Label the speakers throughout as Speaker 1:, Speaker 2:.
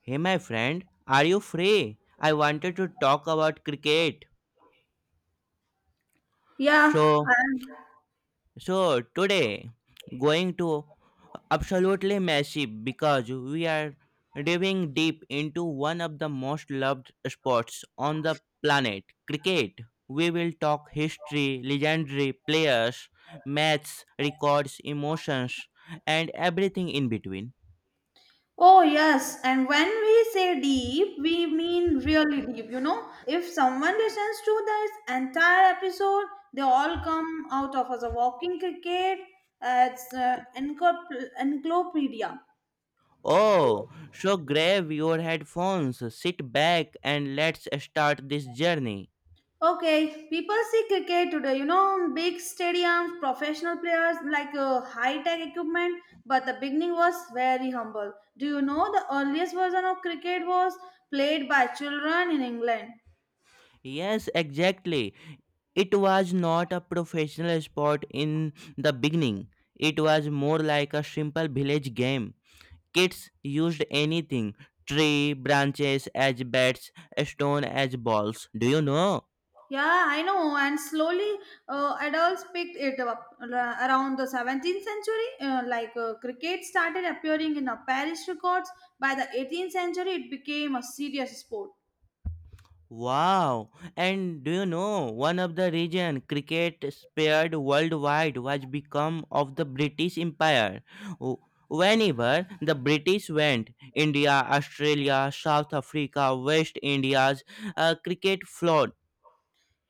Speaker 1: Hey, my friend, are you free? I wanted to talk about cricket.
Speaker 2: Yeah.
Speaker 1: So,
Speaker 2: and-
Speaker 1: so today, going to absolutely massive because we are diving deep into one of the most loved sports on the planet, cricket. We will talk history, legendary players, maths, records, emotions, and everything in between.
Speaker 2: oh, yes. And when we say deep, we mean really deep. If someone listens to this entire episode, they all come out of as a walking cricket as encyclopedia.
Speaker 1: Oh, so grab your headphones, sit back, and let's start this journey.
Speaker 2: Okay, people see cricket today, big stadiums, professional players, like high tech equipment, but the beginning was very humble. Do you know the earliest version of cricket was played by children in England?
Speaker 1: Yes, exactly. It was not a professional sport in the beginning, it was more like a simple village game. Kids used anything tree, branches as bats, stone as balls. Do you know?
Speaker 2: Yeah, I know. And slowly, adults picked it up around the 17th century. Like cricket started appearing in the Paris records. By the 18th century, it became a serious sport.
Speaker 1: Wow! And do you know one of the reason cricket spread worldwide was become of the British Empire. W- Whenever the British went, India, Australia, South Africa, West India's cricket flowed.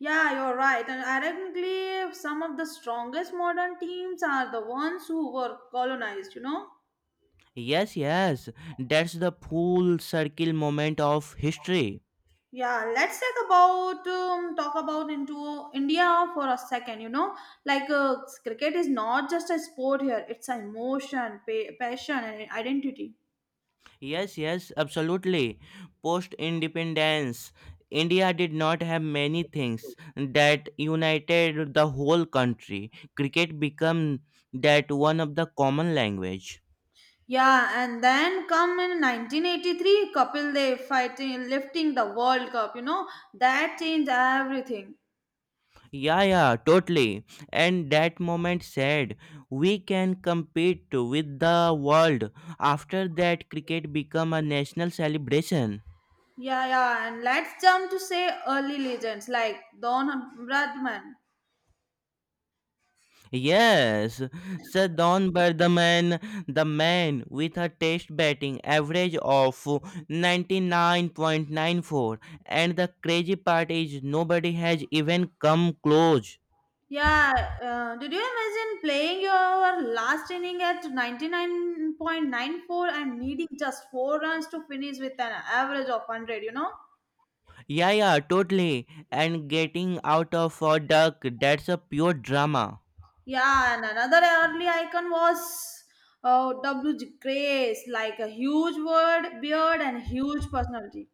Speaker 2: Yeah, you're right. And ironically, some of the strongest modern teams are the ones who were colonized. You know.
Speaker 1: Yes, yes, that's the full circle moment of history.
Speaker 2: Yeah, let's talk about into India for a second. Like cricket is not just a sport here; it's an emotion, passion, and identity.
Speaker 1: Yes, yes, absolutely. Post independence, India did not have many things that united the whole country. Cricket became that one of the common language.
Speaker 2: Yeah, and then come in 1983, Kapil Dev fighting, lifting the World Cup. That changed everything.
Speaker 1: Yeah, yeah, totally. And that moment said, we can compete with the world. After that, cricket became a national celebration.
Speaker 2: Yeah, yeah, and let's jump to say early legends like Don Bradman.
Speaker 1: Yes, Sir Don Berdaman, the man with a test batting average of 99.94. And the crazy part is nobody has even come close.
Speaker 2: Yeah, did you imagine playing your last inning at 99.94 and needing just 4 runs to finish with an average of 100, you know?
Speaker 1: Yeah, yeah, totally. And getting out of a duck, that's a pure drama.
Speaker 2: Yeah, and another early icon was W. G. Grace, like a huge word, beard, and huge personality.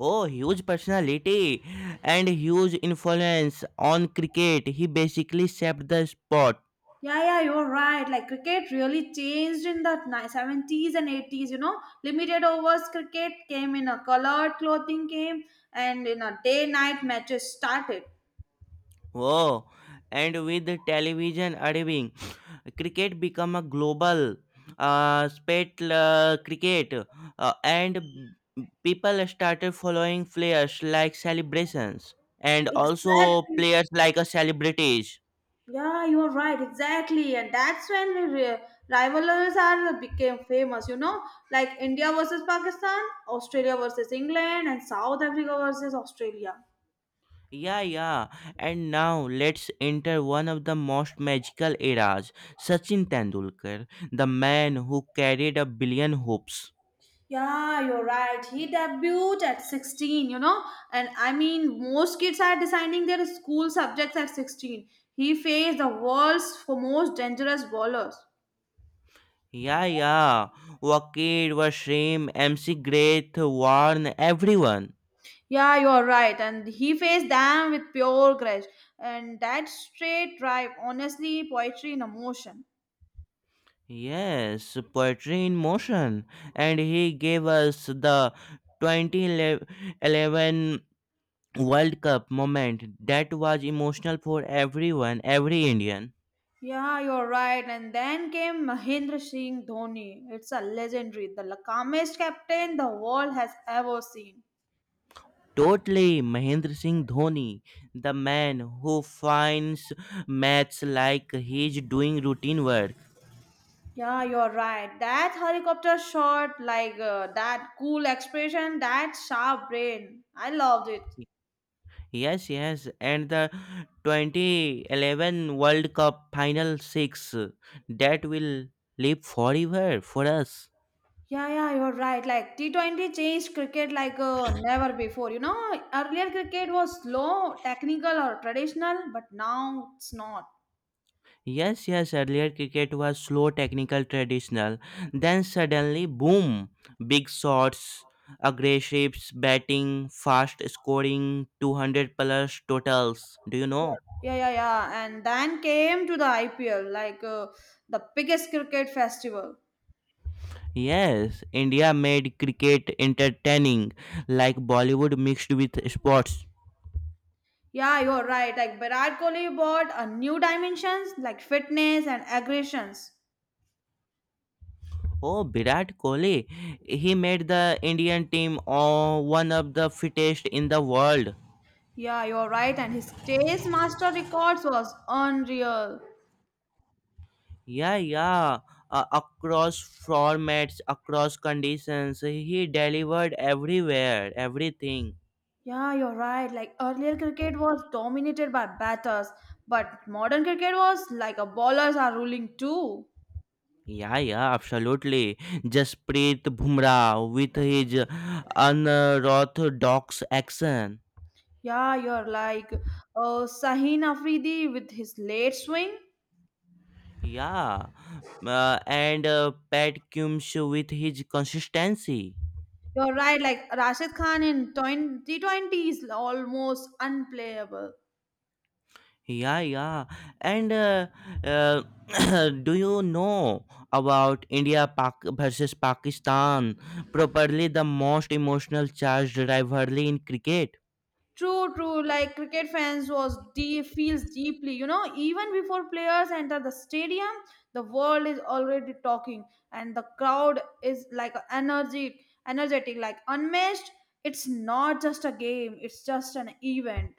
Speaker 1: Oh, huge personality and huge influence on cricket. He basically shaped the sport.
Speaker 2: Yeah, yeah, you're right. Like cricket really changed in the 70s and 80s, you know? Limited overs cricket came in a colored clothing game and in a day night matches started.
Speaker 1: Whoa. And with the television arriving, cricket become a global spate cricket and people started following players like celebrations and also
Speaker 2: Exactly.
Speaker 1: players like a celebrities.
Speaker 2: Yeah, you are right. Exactly, and that's when the rivalries are became famous. Like India versus Pakistan, Australia versus England, and South Africa versus Australia.
Speaker 1: Yeah, yeah. And now let's enter one of the most magical eras, Sachin Tendulkar, the man who carried a billion hopes.
Speaker 2: Yeah, you're right. He debuted at 16, and I mean, most kids are deciding their school subjects at 16. He faced the world's most dangerous bowlers.
Speaker 1: Yeah, yeah. Wakid, Washim, MC Great Warn, everyone.
Speaker 2: Yeah, you're right. And he faced them with pure courage. And that straight drive, honestly, poetry in emotion.
Speaker 1: Yes, poetry in motion. And he gave us the 2011 World Cup moment that was emotional for everyone, every Indian.
Speaker 2: Yeah, you're right. And then came Mahendra Singh Dhoni. It's a legendary, the calmest captain the world has ever seen.
Speaker 1: Totally, Mahendra Singh Dhoni, the man who finds maths like he's doing routine work.
Speaker 2: Yeah, you're right. That helicopter shot, like that cool expression, that sharp brain. I loved it.
Speaker 1: Yes, yes, and the 2011 World Cup Final 6 that will live forever for us.
Speaker 2: Yeah, yeah, you're right. Like T20 changed cricket like never before. Earlier cricket was slow, technical, or traditional, but now it's not.
Speaker 1: Yes, yes, earlier cricket was slow, technical, traditional. Then suddenly, boom, big shots, aggressive batting, fast scoring, 200 plus totals. Do you know?
Speaker 2: Yeah, yeah, yeah. And then came to the IPL, like the biggest cricket festival.
Speaker 1: Yes, India made cricket entertaining, like Bollywood mixed with sports.
Speaker 2: Yeah, you're right. Like Virat Kohli brought a new dimensions, like fitness and aggressions.
Speaker 1: Oh, Virat Kohli. He made the Indian team oh, one of the fittest in the world.
Speaker 2: Yeah, you're right. And his chase master records was unreal.
Speaker 1: Yeah, yeah. Across formats, across conditions, he delivered everywhere, everything.
Speaker 2: Yeah, you're right. Like earlier, cricket was dominated by batters, but modern cricket was like a bowlers are ruling too.
Speaker 1: Yeah, yeah, absolutely. Jasprit Bumrah with his unorthodox action.
Speaker 2: Yeah, you're like Sahin Afridi with his late swing.
Speaker 1: Yeah, and Pat Coombs with his consistency.
Speaker 2: You're right. Like Rashid Khan in 2020 is almost unplayable.
Speaker 1: Yeah, yeah. And uh, do you know about India versus Pakistan? Probably the most emotional charged rivalry in cricket.
Speaker 2: True, true. Like cricket fans was deep, feels deeply. Even before players enter the stadium, the world is already talking, and the crowd is like energy, energetic, like unmatched. It's not just a game; it's just an event.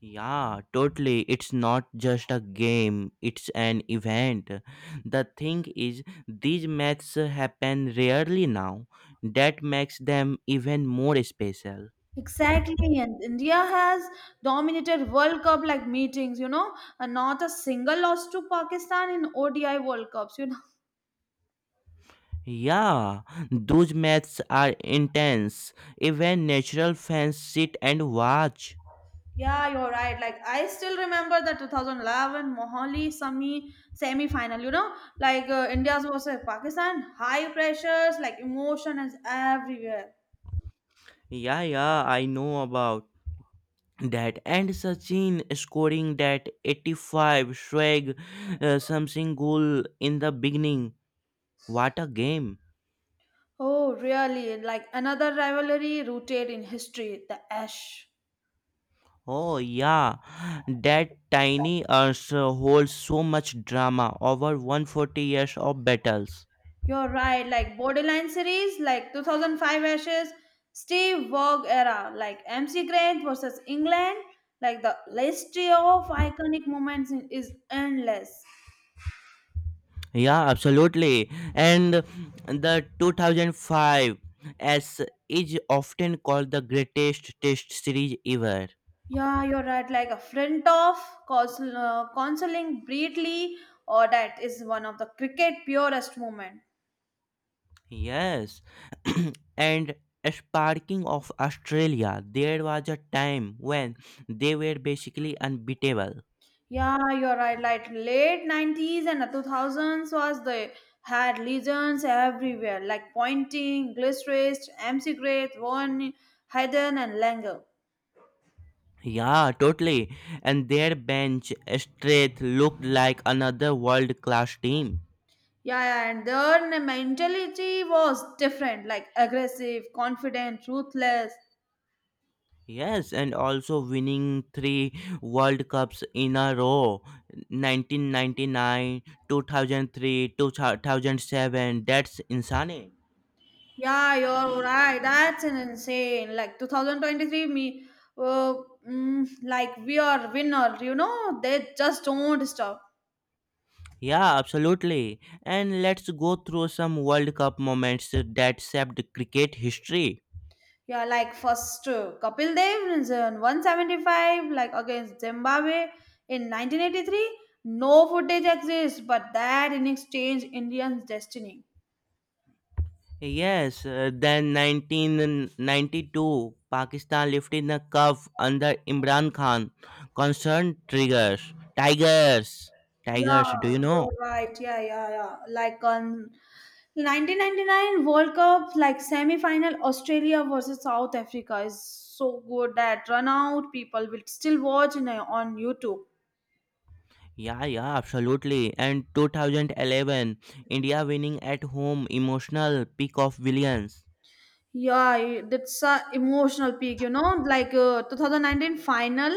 Speaker 1: Yeah, totally. It's not just a game, it's an event. The thing is, these matches happen rarely now. That makes them even more special.
Speaker 2: Exactly, and India has dominated World Cup like meetings. And not a single loss to Pakistan in ODI World Cups. You know.
Speaker 1: Yeah, those matches are intense. Even natural fans sit and watch.
Speaker 2: Yeah, you're right. Like I still remember the 2011 Mohali semi-final. Like India's versus Pakistan. High pressures, like emotion is everywhere.
Speaker 1: Yeah, yeah, I know about that. And Sachin scoring that 85 swag something goal in the beginning. What a game.
Speaker 2: Oh, really? Like another rivalry rooted in history, the Ash.
Speaker 1: Oh, yeah, that tiny earth holds so much drama over 140 years of battles.
Speaker 2: You're right. Like borderline series, like 2005 Ashes, Steve Waugh era, like MC Grant versus England. Like the list of iconic moments is endless.
Speaker 1: Yeah, absolutely. And the two thousand five s is often called the greatest test series ever.
Speaker 2: Yeah, you're right. Like a friend of counsel, counseling Breedley, or that is one of the cricket purest moment.
Speaker 1: Yes. and sparking of Australia, there was a time when they were basically unbeatable.
Speaker 2: Yeah, you're right. Like late 90s and the 2000s was they had legends everywhere, like Pointing, Gilchrist, MC Great, Vaughan, Hayden, and Langer.
Speaker 1: Yeah, totally. And their bench strength looked like another world class team.
Speaker 2: Yeah, yeah, and their mentality was different, like aggressive, confident, ruthless.
Speaker 1: Yes, and also winning three World Cups in a row 1999, 2003, 2007. That's insane.
Speaker 2: Yeah, you're right. That's an insane. Like 2023, uh, like we are winner. They just don't stop.
Speaker 1: Yeah, absolutely. And let's go through some World Cup moments that shaped cricket history.
Speaker 2: Yeah, like first Kapil Dev is in 175, like against Zimbabwe in 1983. No footage exists, but that innings changed Indians' destiny.
Speaker 1: Yes, then 1992, Pakistan lifted the cup under Imran Khan. Concern triggers. Tigers. Tigers, do
Speaker 2: Yeah,
Speaker 1: you know?
Speaker 2: you're right. Yeah, yeah, yeah. Like on 1999 World Cup, like semi-final Australia versus South Africa is so good that run out people will still watch in, on YouTube.
Speaker 1: Yeah, yeah, absolutely. And 2011, India winning at home, emotional peak of Williams.
Speaker 2: Yeah, that's a emotional peak. Like 2019 final,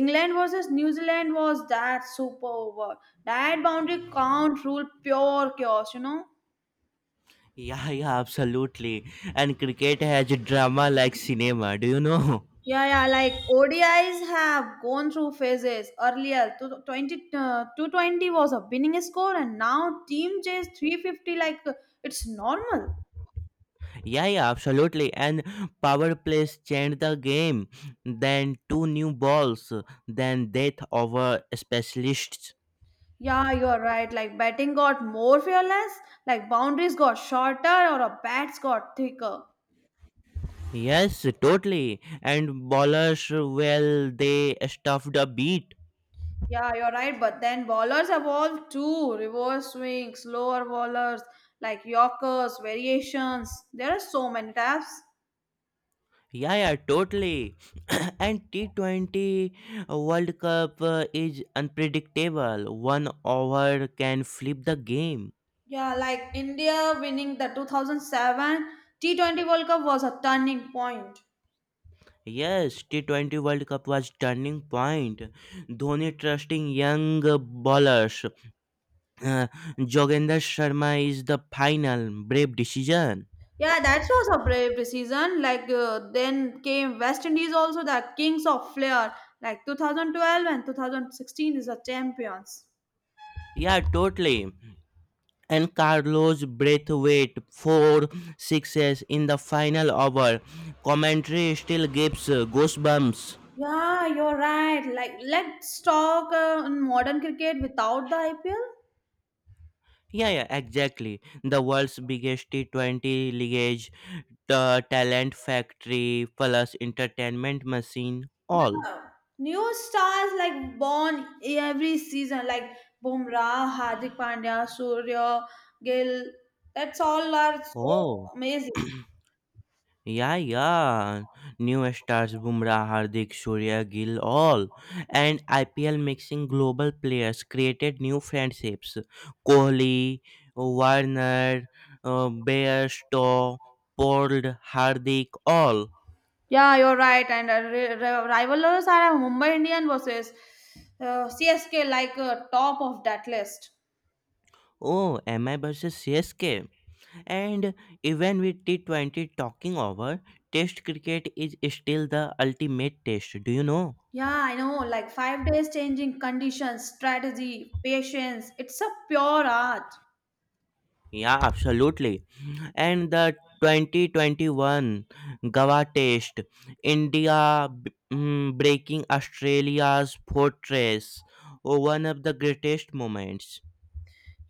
Speaker 2: England versus New Zealand was that super over. That boundary count rule, pure chaos.
Speaker 1: Yeah, yeah, absolutely. And cricket has drama like cinema, do you know?
Speaker 2: Yeah, yeah, like ODIs have gone through phases. Earlier, 20, 220 was a winning score, and now team chase 350, like it's normal.
Speaker 1: Yeah, yeah, absolutely. And power plays changed the game. Then two new balls, then death over specialists.
Speaker 2: Yeah, you're right. Like batting got more fearless, like boundaries got shorter, or a bats got thicker.
Speaker 1: Yes, totally. And bowlers, well, they stuffed a beat.
Speaker 2: Yeah, you're right. But then bowlers evolved too. Reverse swing, slower bowlers, like Yorkers, variations. There are so many types.
Speaker 1: Yeah, yeah, totally. and T20 World Cup is unpredictable. One over can flip the game.
Speaker 2: Yeah, like India winning the 2007 T20 World Cup was a turning point.
Speaker 1: Yes, T20 World Cup was turning point. Dhoni trusting young bowlers. Uh, Jogendra Sharma is the final brave decision.
Speaker 2: Yeah, that was a brave decision. Like then came West Indies also the kings of flair. Like 2012 and 2016 is the champions.
Speaker 1: Yeah, totally. And Carlos Braithwaite four sixes in the final over. Commentary still gives goosebumps.
Speaker 2: Yeah, you're right. Like let's talk in modern cricket without the IPL.
Speaker 1: Yeah, yeah, exactly. The world's biggest T20 lineage, the talent factory, plus entertainment machine, all.
Speaker 2: Yeah. New stars like born every season, like Bumrah, Hardik Pandya, Surya, Gill. That's all are so
Speaker 1: Oh,
Speaker 2: amazing.
Speaker 1: yeah, yeah. New stars, Bumrah, Hardik, Surya, Gill, all. And IPL mixing global players created new friendships. Kohli, Warner, Bairstow, Pold, Hardik, all.
Speaker 2: Yeah, you're right. And rivalers are Mumbai Indian versus CSK, like top of that list.
Speaker 1: Oh, MI versus CSK. And even with T20 talking over, Test cricket is still the ultimate test. Do you know?
Speaker 2: Yeah, I know. Like 5 days changing conditions, strategy, patience. It's a pure art.
Speaker 1: Yeah, absolutely. And the 2021 Goa Test, breaking Australia's fortress, oh, one of the greatest moments.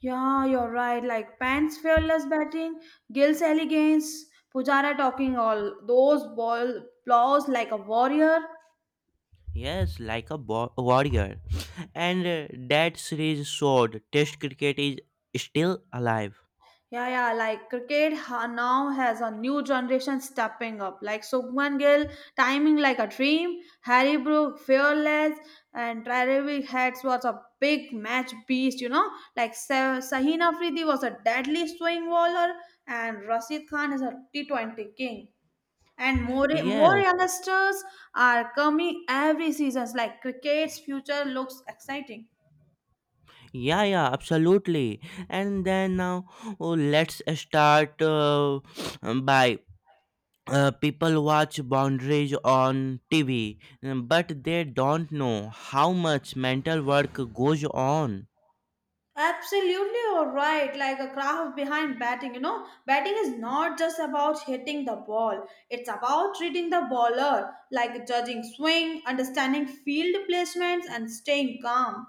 Speaker 2: Yeah, you're right. Like Pant's fearless batting, Gill's elegance, Pujara talking all those ball blows like a warrior.
Speaker 1: Yes, like a warrior. And that series showed Test cricket is still alive.
Speaker 2: Yeah, yeah. Like cricket now has a new generation stepping up. Like Subman Gill, timing like a dream. Harry Brook, fearless, and Travis Heads was a big match beast. Like Sahin Afridi was a deadly swing bowler, and Rashid Khan is a T 20 king. And more, more
Speaker 1: Yes,
Speaker 2: youngsters are coming every season. Like cricket's future looks exciting.
Speaker 1: yeah, yeah, absolutely. And then now, oh, let's start by people watch boundaries on TV, but they don't know how much mental work goes on.
Speaker 2: Absolutely, you're right. Like a craft behind batting, batting is not just about hitting the ball. It's about reading the bowler, like judging swing, understanding field placements, and staying calm.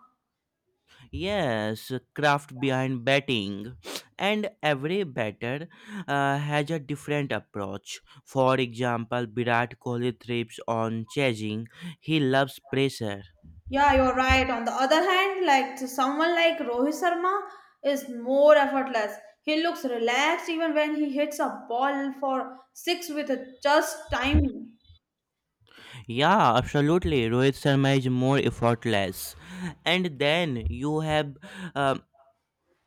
Speaker 1: Yes, craft behind batting, and every batter has a different approach. For example, Virat Kohli thrives on chasing. He loves pressure.
Speaker 2: Yeah, you're right. On the other hand, like to someone like Rohit Sharma is more effortless. He looks relaxed even when he hits a ball for six with a just timing.
Speaker 1: Yeah, absolutely. Rohit Sharma is more effortless. And then you have uh,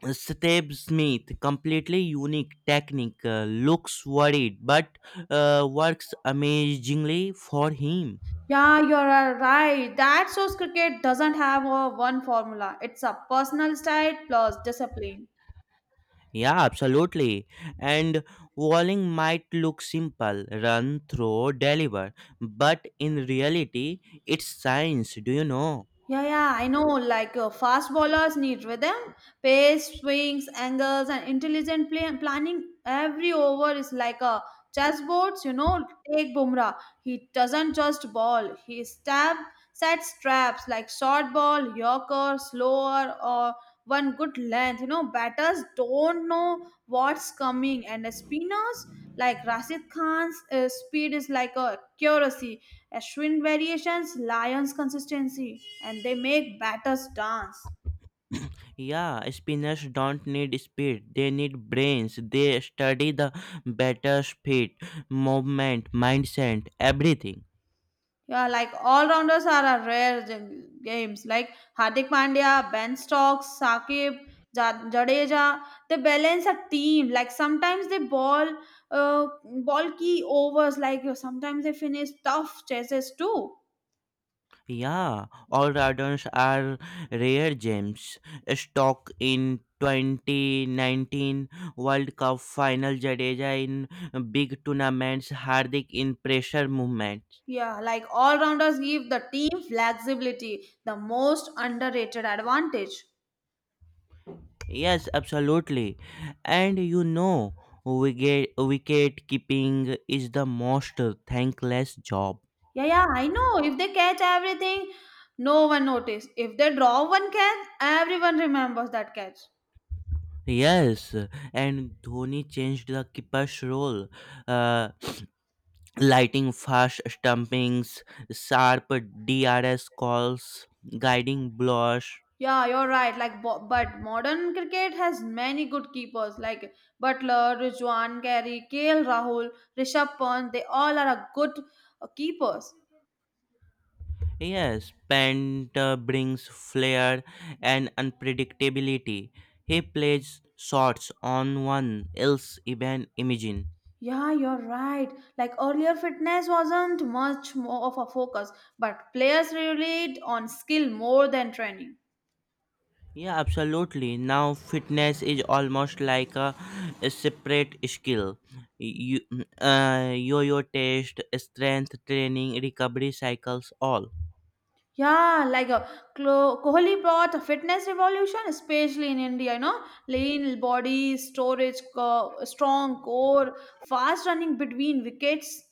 Speaker 1: Sateb Smith, completely unique technique, looks worried but works amazingly for him.
Speaker 2: Yeah, you're right. That shows cricket doesn't have a one formula. It's a personal style plus discipline.
Speaker 1: Yeah, absolutely. And walling might look simple run, throw, deliver, but in reality, it's science, do you know?
Speaker 2: Yeah, yeah, I know. Like fast bowlers need rhythm, pace, swings, angles, and intelligent planning. Every over is like a chessboard. Take Bumrah. He doesn't just ball. He stab sets traps like short ball, yorker, slower, or one good length. Batters don't know what's coming, and the spinners. Like Rashid Khan's speed is like a accuracy, Ashwin variations, Lions consistency, and they make batters dance.
Speaker 1: Yeah, spinners don't need speed. They need brains. They study the batter's feet, movement, mindset, everything.
Speaker 2: Yeah, like all rounders are a rare games. Like Hardik Pandya, Ben Stokes, Sakib, Jadeja, they balance a team. Like sometimes they ball key overs. Like sometimes they finish tough chases too.
Speaker 1: Yeah, all rounders are rare gems. Stock in 2019 World Cup final, Jadeja in big tournaments, Hardik in pressure movements.
Speaker 2: Yeah, like all rounders give the team flexibility, the most underrated advantage.
Speaker 1: Yes, absolutely. And you know, wicket keeping is the most thankless job.
Speaker 2: Yeah, yeah, I know. If they catch everything, no one notice. If they draw one catch, everyone remembers that catch.
Speaker 1: Yes, and Dhoni changed the keeper's role, uh, lighting fast stumpings, sharp DRS calls, guiding blocks.
Speaker 2: Yeah, you're right. Like, but modern cricket has many good keepers like Butler, Rijwan, Carey, KL Rahul, Rishabh Pant. They all are a good keepers.
Speaker 1: Yes, Pant brings flair and unpredictability. He plays shots on one else even imagine.
Speaker 2: Yeah, you're right. Like earlier, fitness wasn't much more of a focus, but players relied on skill more than training.
Speaker 1: Yeah, absolutely. Now, fitness is almost like a separate skill. You, yo-yo test, strength training, recovery cycles, all.
Speaker 2: Yeah, like a Kohli brought a fitness revolution, especially in India. Lean body, storage, strong core, fast running between wickets.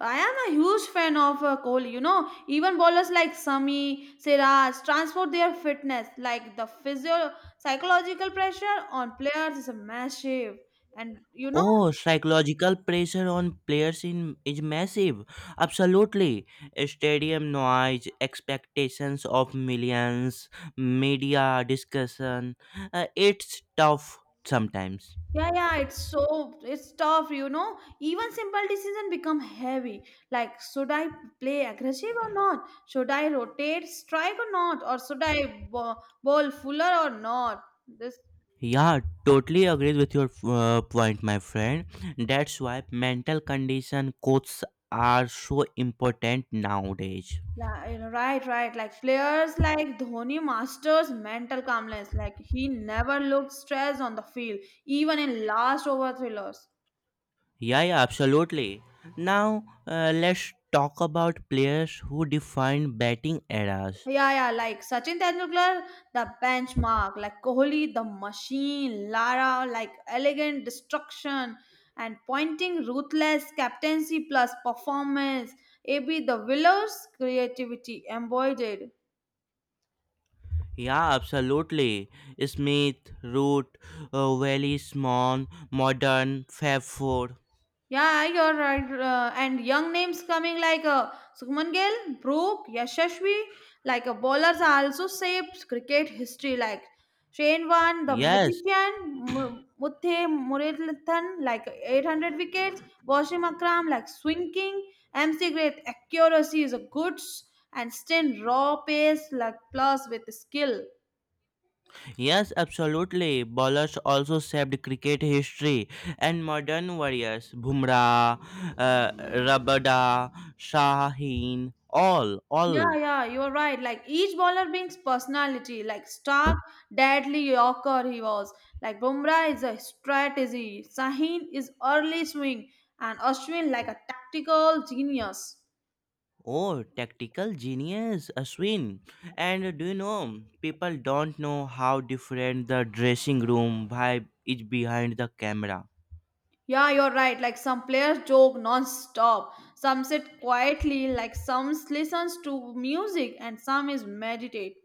Speaker 2: I am a huge fan of Kohli. Even bowlers like Sami, Siraj transfer their fitness. Like the physio psychological pressure on players is massive. And you know,
Speaker 1: Oh, psychological pressure on players in is massive. Absolutely, stadium noise, expectations of millions, media discussion. It's tough sometimes.
Speaker 2: yeah, yeah, it's tough. Even simple decision become heavy. Like, should I play aggressive or not? Should I rotate, strike or not? Or should I bowl fuller or not? This
Speaker 1: Yeah, totally agrees with your point, my friend. That's why mental condition codes are so important nowadays.
Speaker 2: Yeah, right, right. Like players like Dhoni masters mental calmness. Like he never looked stressed on the field, even in last over thrillers.
Speaker 1: Yeah, yeah, absolutely. Now, let's talk about players who define batting eras.
Speaker 2: Yeah, yeah. Like Sachin Tendulkar, the benchmark. Like Kohli, the machine. Lara, like elegant destruction and pointing ruthless captaincy plus performance. AB, the willows creativity embodied.
Speaker 1: Yeah, absolutely. Smith, Root, Welly, Smon, Modern, Fab Four.
Speaker 2: Yeah, you're right. And young names coming like Sukhman Gill, Brooke, Yashashvi, like bowlers are also shaped cricket history like Shane Warne, the
Speaker 1: Yes,
Speaker 2: magician, Muthe Muralithan, like 800 wickets, Washim Akram, like swing king, MC Great, accuracy is a goods, and Stan raw pace, like plus with skill.
Speaker 1: yes, absolutely. Bowlers also shaped cricket history, and modern warriors Bumrah, uh, Rabada, Shaheen, all,
Speaker 2: Yeah,
Speaker 1: all.
Speaker 2: yeah, you're right. Like each bowler brings personality. Like Stark, deadly Yorker he was. Like Bumrah is a strategy. Sahin is early swing, and Ashwin like a tactical genius.
Speaker 1: Oh, tactical genius, Ashwin. And do you know, people don't know how different the dressing room vibe is behind the camera.
Speaker 2: Yeah, you're right. Like some players joke non-stop. Some sit quietly. Like some listens to music, and some is meditate.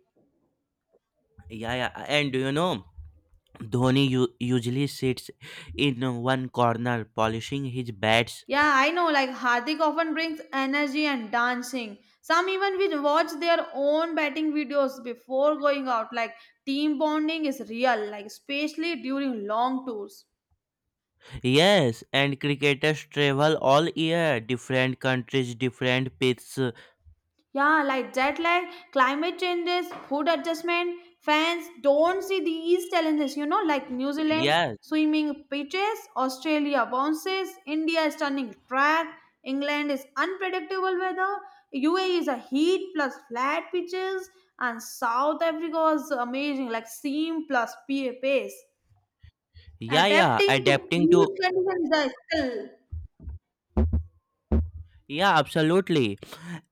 Speaker 1: Yeah, yeah. And do you know, Dhoni usually sits in one corner polishing his bats.
Speaker 2: Yeah, I know. Like Hardik often brings energy and dancing. Some even will watch their own batting videos before going out. Like team bonding is real, like especially during long tours.
Speaker 1: Yes, and cricketers travel all year, different countries, different pitches.
Speaker 2: Yeah, like jet lag, climate changes, food adjustment, fans don't see these challenges, you know, like New Zealand
Speaker 1: Yes,
Speaker 2: swimming pitches, Australia bounces, India is turning track, England is unpredictable weather, UAE is a heat plus flat pitches, and South Africa is amazing, like seam plus pace.
Speaker 1: yeah, yeah,
Speaker 2: Adapting to
Speaker 1: adapting to
Speaker 2: each condition is a skill.
Speaker 1: yeah, absolutely.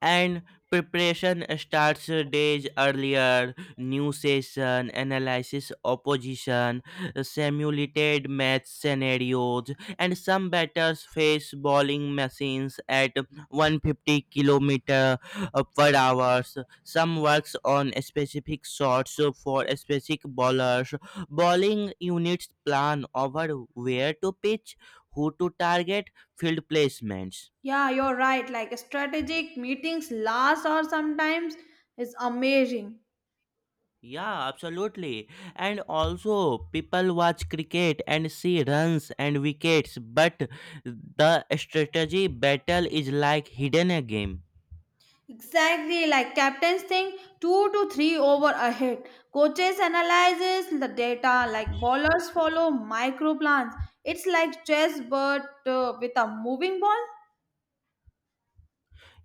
Speaker 1: And preparation starts days earlier. New session, analysis, opposition, simulated match scenarios, and some batters face bowling machines at 150 kilometer per hours. Some works on specific shots for specific bowlers. Bowling units plan over where to pitch, who to target, field placements.
Speaker 2: Yeah, you're right. Like strategic meetings last or sometimes is amazing.
Speaker 1: Yeah, absolutely. And also, people watch cricket and see runs and wickets, but the strategy battle is like hidden a game.
Speaker 2: Exactly, like captains think two to three over ahead. Coaches analyzes the data. Like bowlers follow micro plans. It's like chess, but with a moving ball.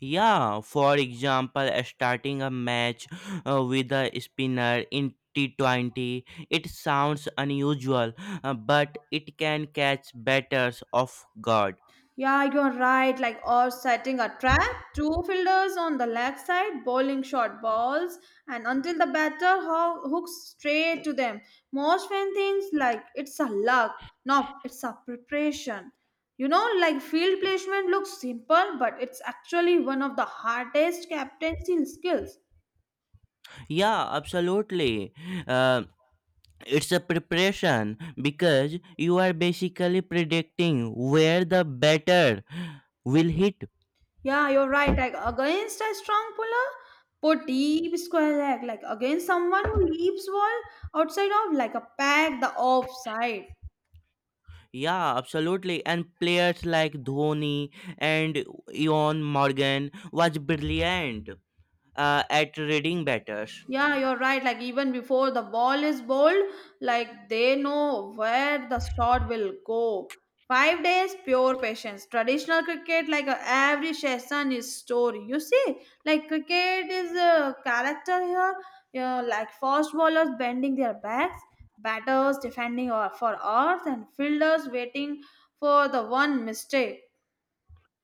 Speaker 1: Yeah, for example, starting a match with a spinner in T20, it sounds unusual, but it can catch batters off guard.
Speaker 2: Yeah, you're right. Like, or setting a trap, two fielders on the left side bowling short balls, and until the batter hooks straight to them. Most fan thinks like it's a luck. No, it's a preparation. You know, like field placement looks simple, but it's actually one of the hardest captaincy skills.
Speaker 1: Yeah, absolutely. Um, it's a preparation because you are basically predicting where the batter will hit.
Speaker 2: Yeah, you're right. Like against a strong puller, put deep square leg. Like against someone who leaps ball outside of like a pack the offside.
Speaker 1: Yeah, absolutely, and players like Dhoni and Ion Morgan was brilliant at reading batters.
Speaker 2: Yeah, you're right. Like even before the ball is bowled, like they know where the shot will go. 5 days, pure patience. Traditional cricket, like every session is story. You see, like cricket is a character here. Yeah, like fast bowlers bending their backs, batters defending for earth, and fielders waiting for the one mistake.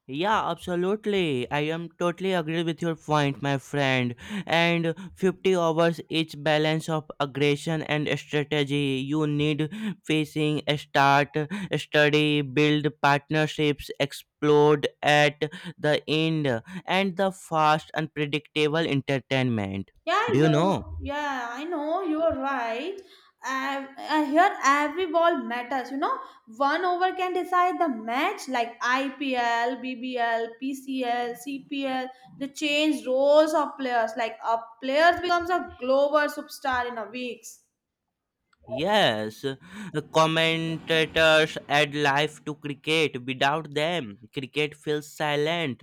Speaker 1: Yeah, absolutely. I am totally agree with your point, my friend. And 50 hours each balance of aggression and strategy. You need facing, start, study, build partnerships, explode at the end, and the fast, unpredictable entertainment. Do you know?
Speaker 2: Yeah, I know you are right. Here, every ball matters. You know, one over can decide the match, like IPL, BBL, PCL, CPL. They change roles of players. Like a player becomes a global superstar in a weeks.
Speaker 1: Yes, the commentators add life to cricket. Without them, cricket feels silent.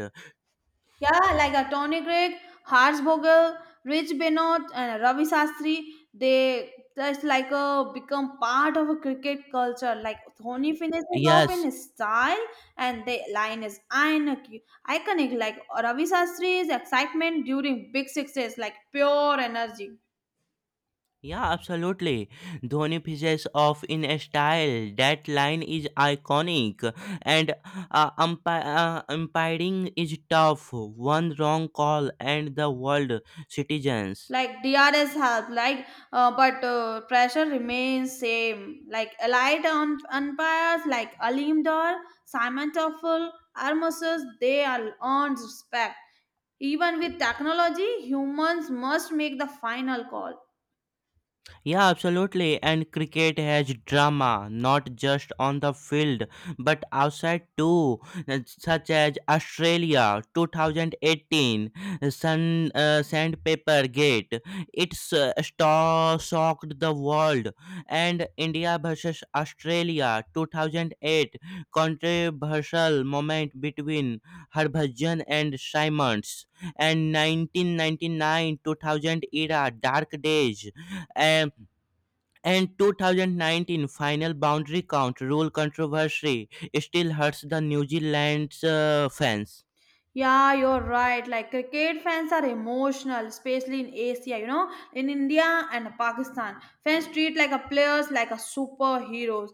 Speaker 2: Yeah, like a Tony Gregg, Harsh Vogel, Rich Benoit, and Ravi Shastri, they just like a become part of a cricket culture. Like Dhoni finishes off
Speaker 1: Yes,
Speaker 2: in style, and the line is iconic. Iconic. Like Ravi Shastri's excitement during big sixes, like pure energy.
Speaker 1: yeah, absolutely. Dhoni finishes off in a style. That line is iconic, and umpiring is tough. One wrong call, and the world citizens.
Speaker 2: Like DRS help, like but pressure remains same, like allied umpires like Alim Dar, Simon Toffel, Armosus, they are earned respect. Even with technology, humans must make the final call.
Speaker 1: Yeah, absolutely. And cricket has drama, not just on the field, but outside too, such as Australia 2018, Sandpaper Gate. It's shocked the world. And India versus Australia 2008, controversial moment between Harbhajan and Simons. And 1999 2000 era, dark days. And 2019 final boundary count rule controversy still hurts the New Zealand's fans.
Speaker 2: Yeah, you're right. Like cricket fans are emotional, especially in Asia, you know, in India and Pakistan. Fans treat like a players like a superheroes.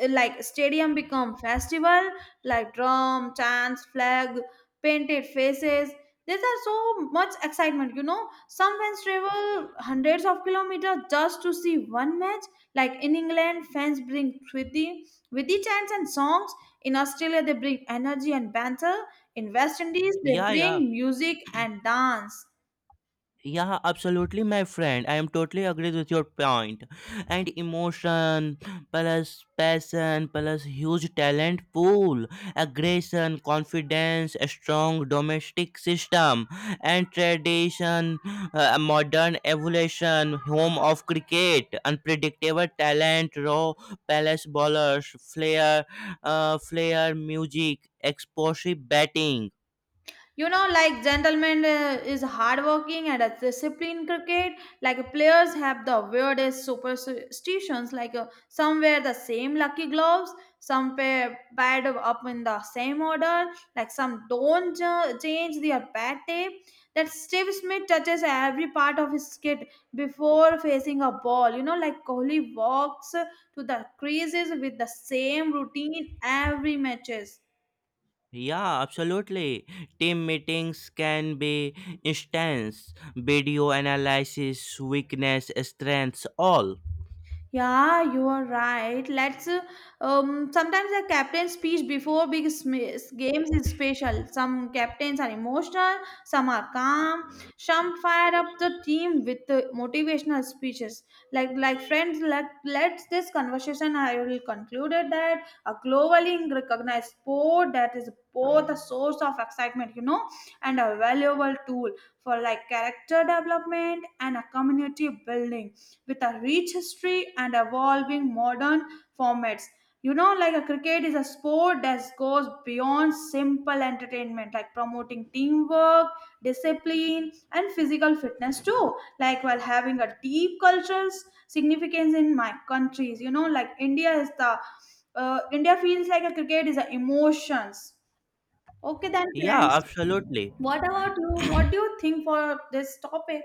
Speaker 2: Like stadium become festival, like drum, chants, flag, painted faces. These are so much excitement, you know. Some fans travel hundreds of kilometers just to see one match. Like in England, fans bring witty chants and songs. In Australia, they bring energy and banter. In West Indies, they
Speaker 1: Yeah, yeah.
Speaker 2: bring music and dance.
Speaker 1: Yeah, absolutely, my friend. I am totally agree with your point. And emotion plus passion plus huge talent pool, aggression, confidence, a strong domestic system, and tradition, modern evolution, home of cricket, unpredictable talent, raw palace bowlers, flair, flair music, explosive batting.
Speaker 2: You know, like gentlemen is hardworking and a disciplined cricket. Like players have the weirdest superstitions. Like some wear the same lucky gloves, some pair pad up in the same order. Like some don't change their bat tape. That Steve Smith touches every part of his kit before facing a ball. You know, like Kohli walks to the creases with the same routine every matches.
Speaker 1: Yeah, absolutely. Team meetings can be instance, video analysis, weakness, strengths, all.
Speaker 2: Yeah, you are right. Let's sometimes the captain's speech before big games is special. Some captains are emotional, some are calm, some fire up the team with the motivational speeches. Like friends, let's this conversation I will concluded that a globally recognized sport that is both a source of excitement, you know, and a valuable tool for like character development and a community building with a rich history and evolving modern formats. You know, like a cricket is a sport that goes beyond simple entertainment, like promoting teamwork, discipline, and physical fitness too. Like while having a deep cultural significance in my countries, you know, like India is the India feels like a cricket is the emotions. Okay, then
Speaker 1: Yeah,
Speaker 2: friends,
Speaker 1: absolutely.
Speaker 2: what about you? What do you think for this topic?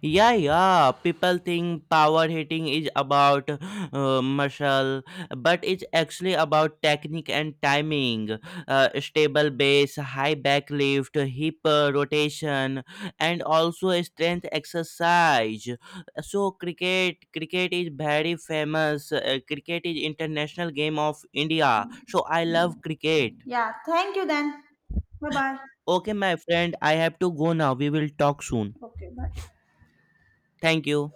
Speaker 1: Yeah, yeah. People think power hitting is about muscle, but it's actually about technique and timing. Stable base, high back lift, hip rotation, and also a strength exercise. So cricket is very famous. Cricket is international game of India. So I love cricket.
Speaker 2: Yeah, thank you then. Bye bye.
Speaker 1: Okay, my friend, I have to go now. We will talk soon.
Speaker 2: Okay, bye.
Speaker 1: Thank you.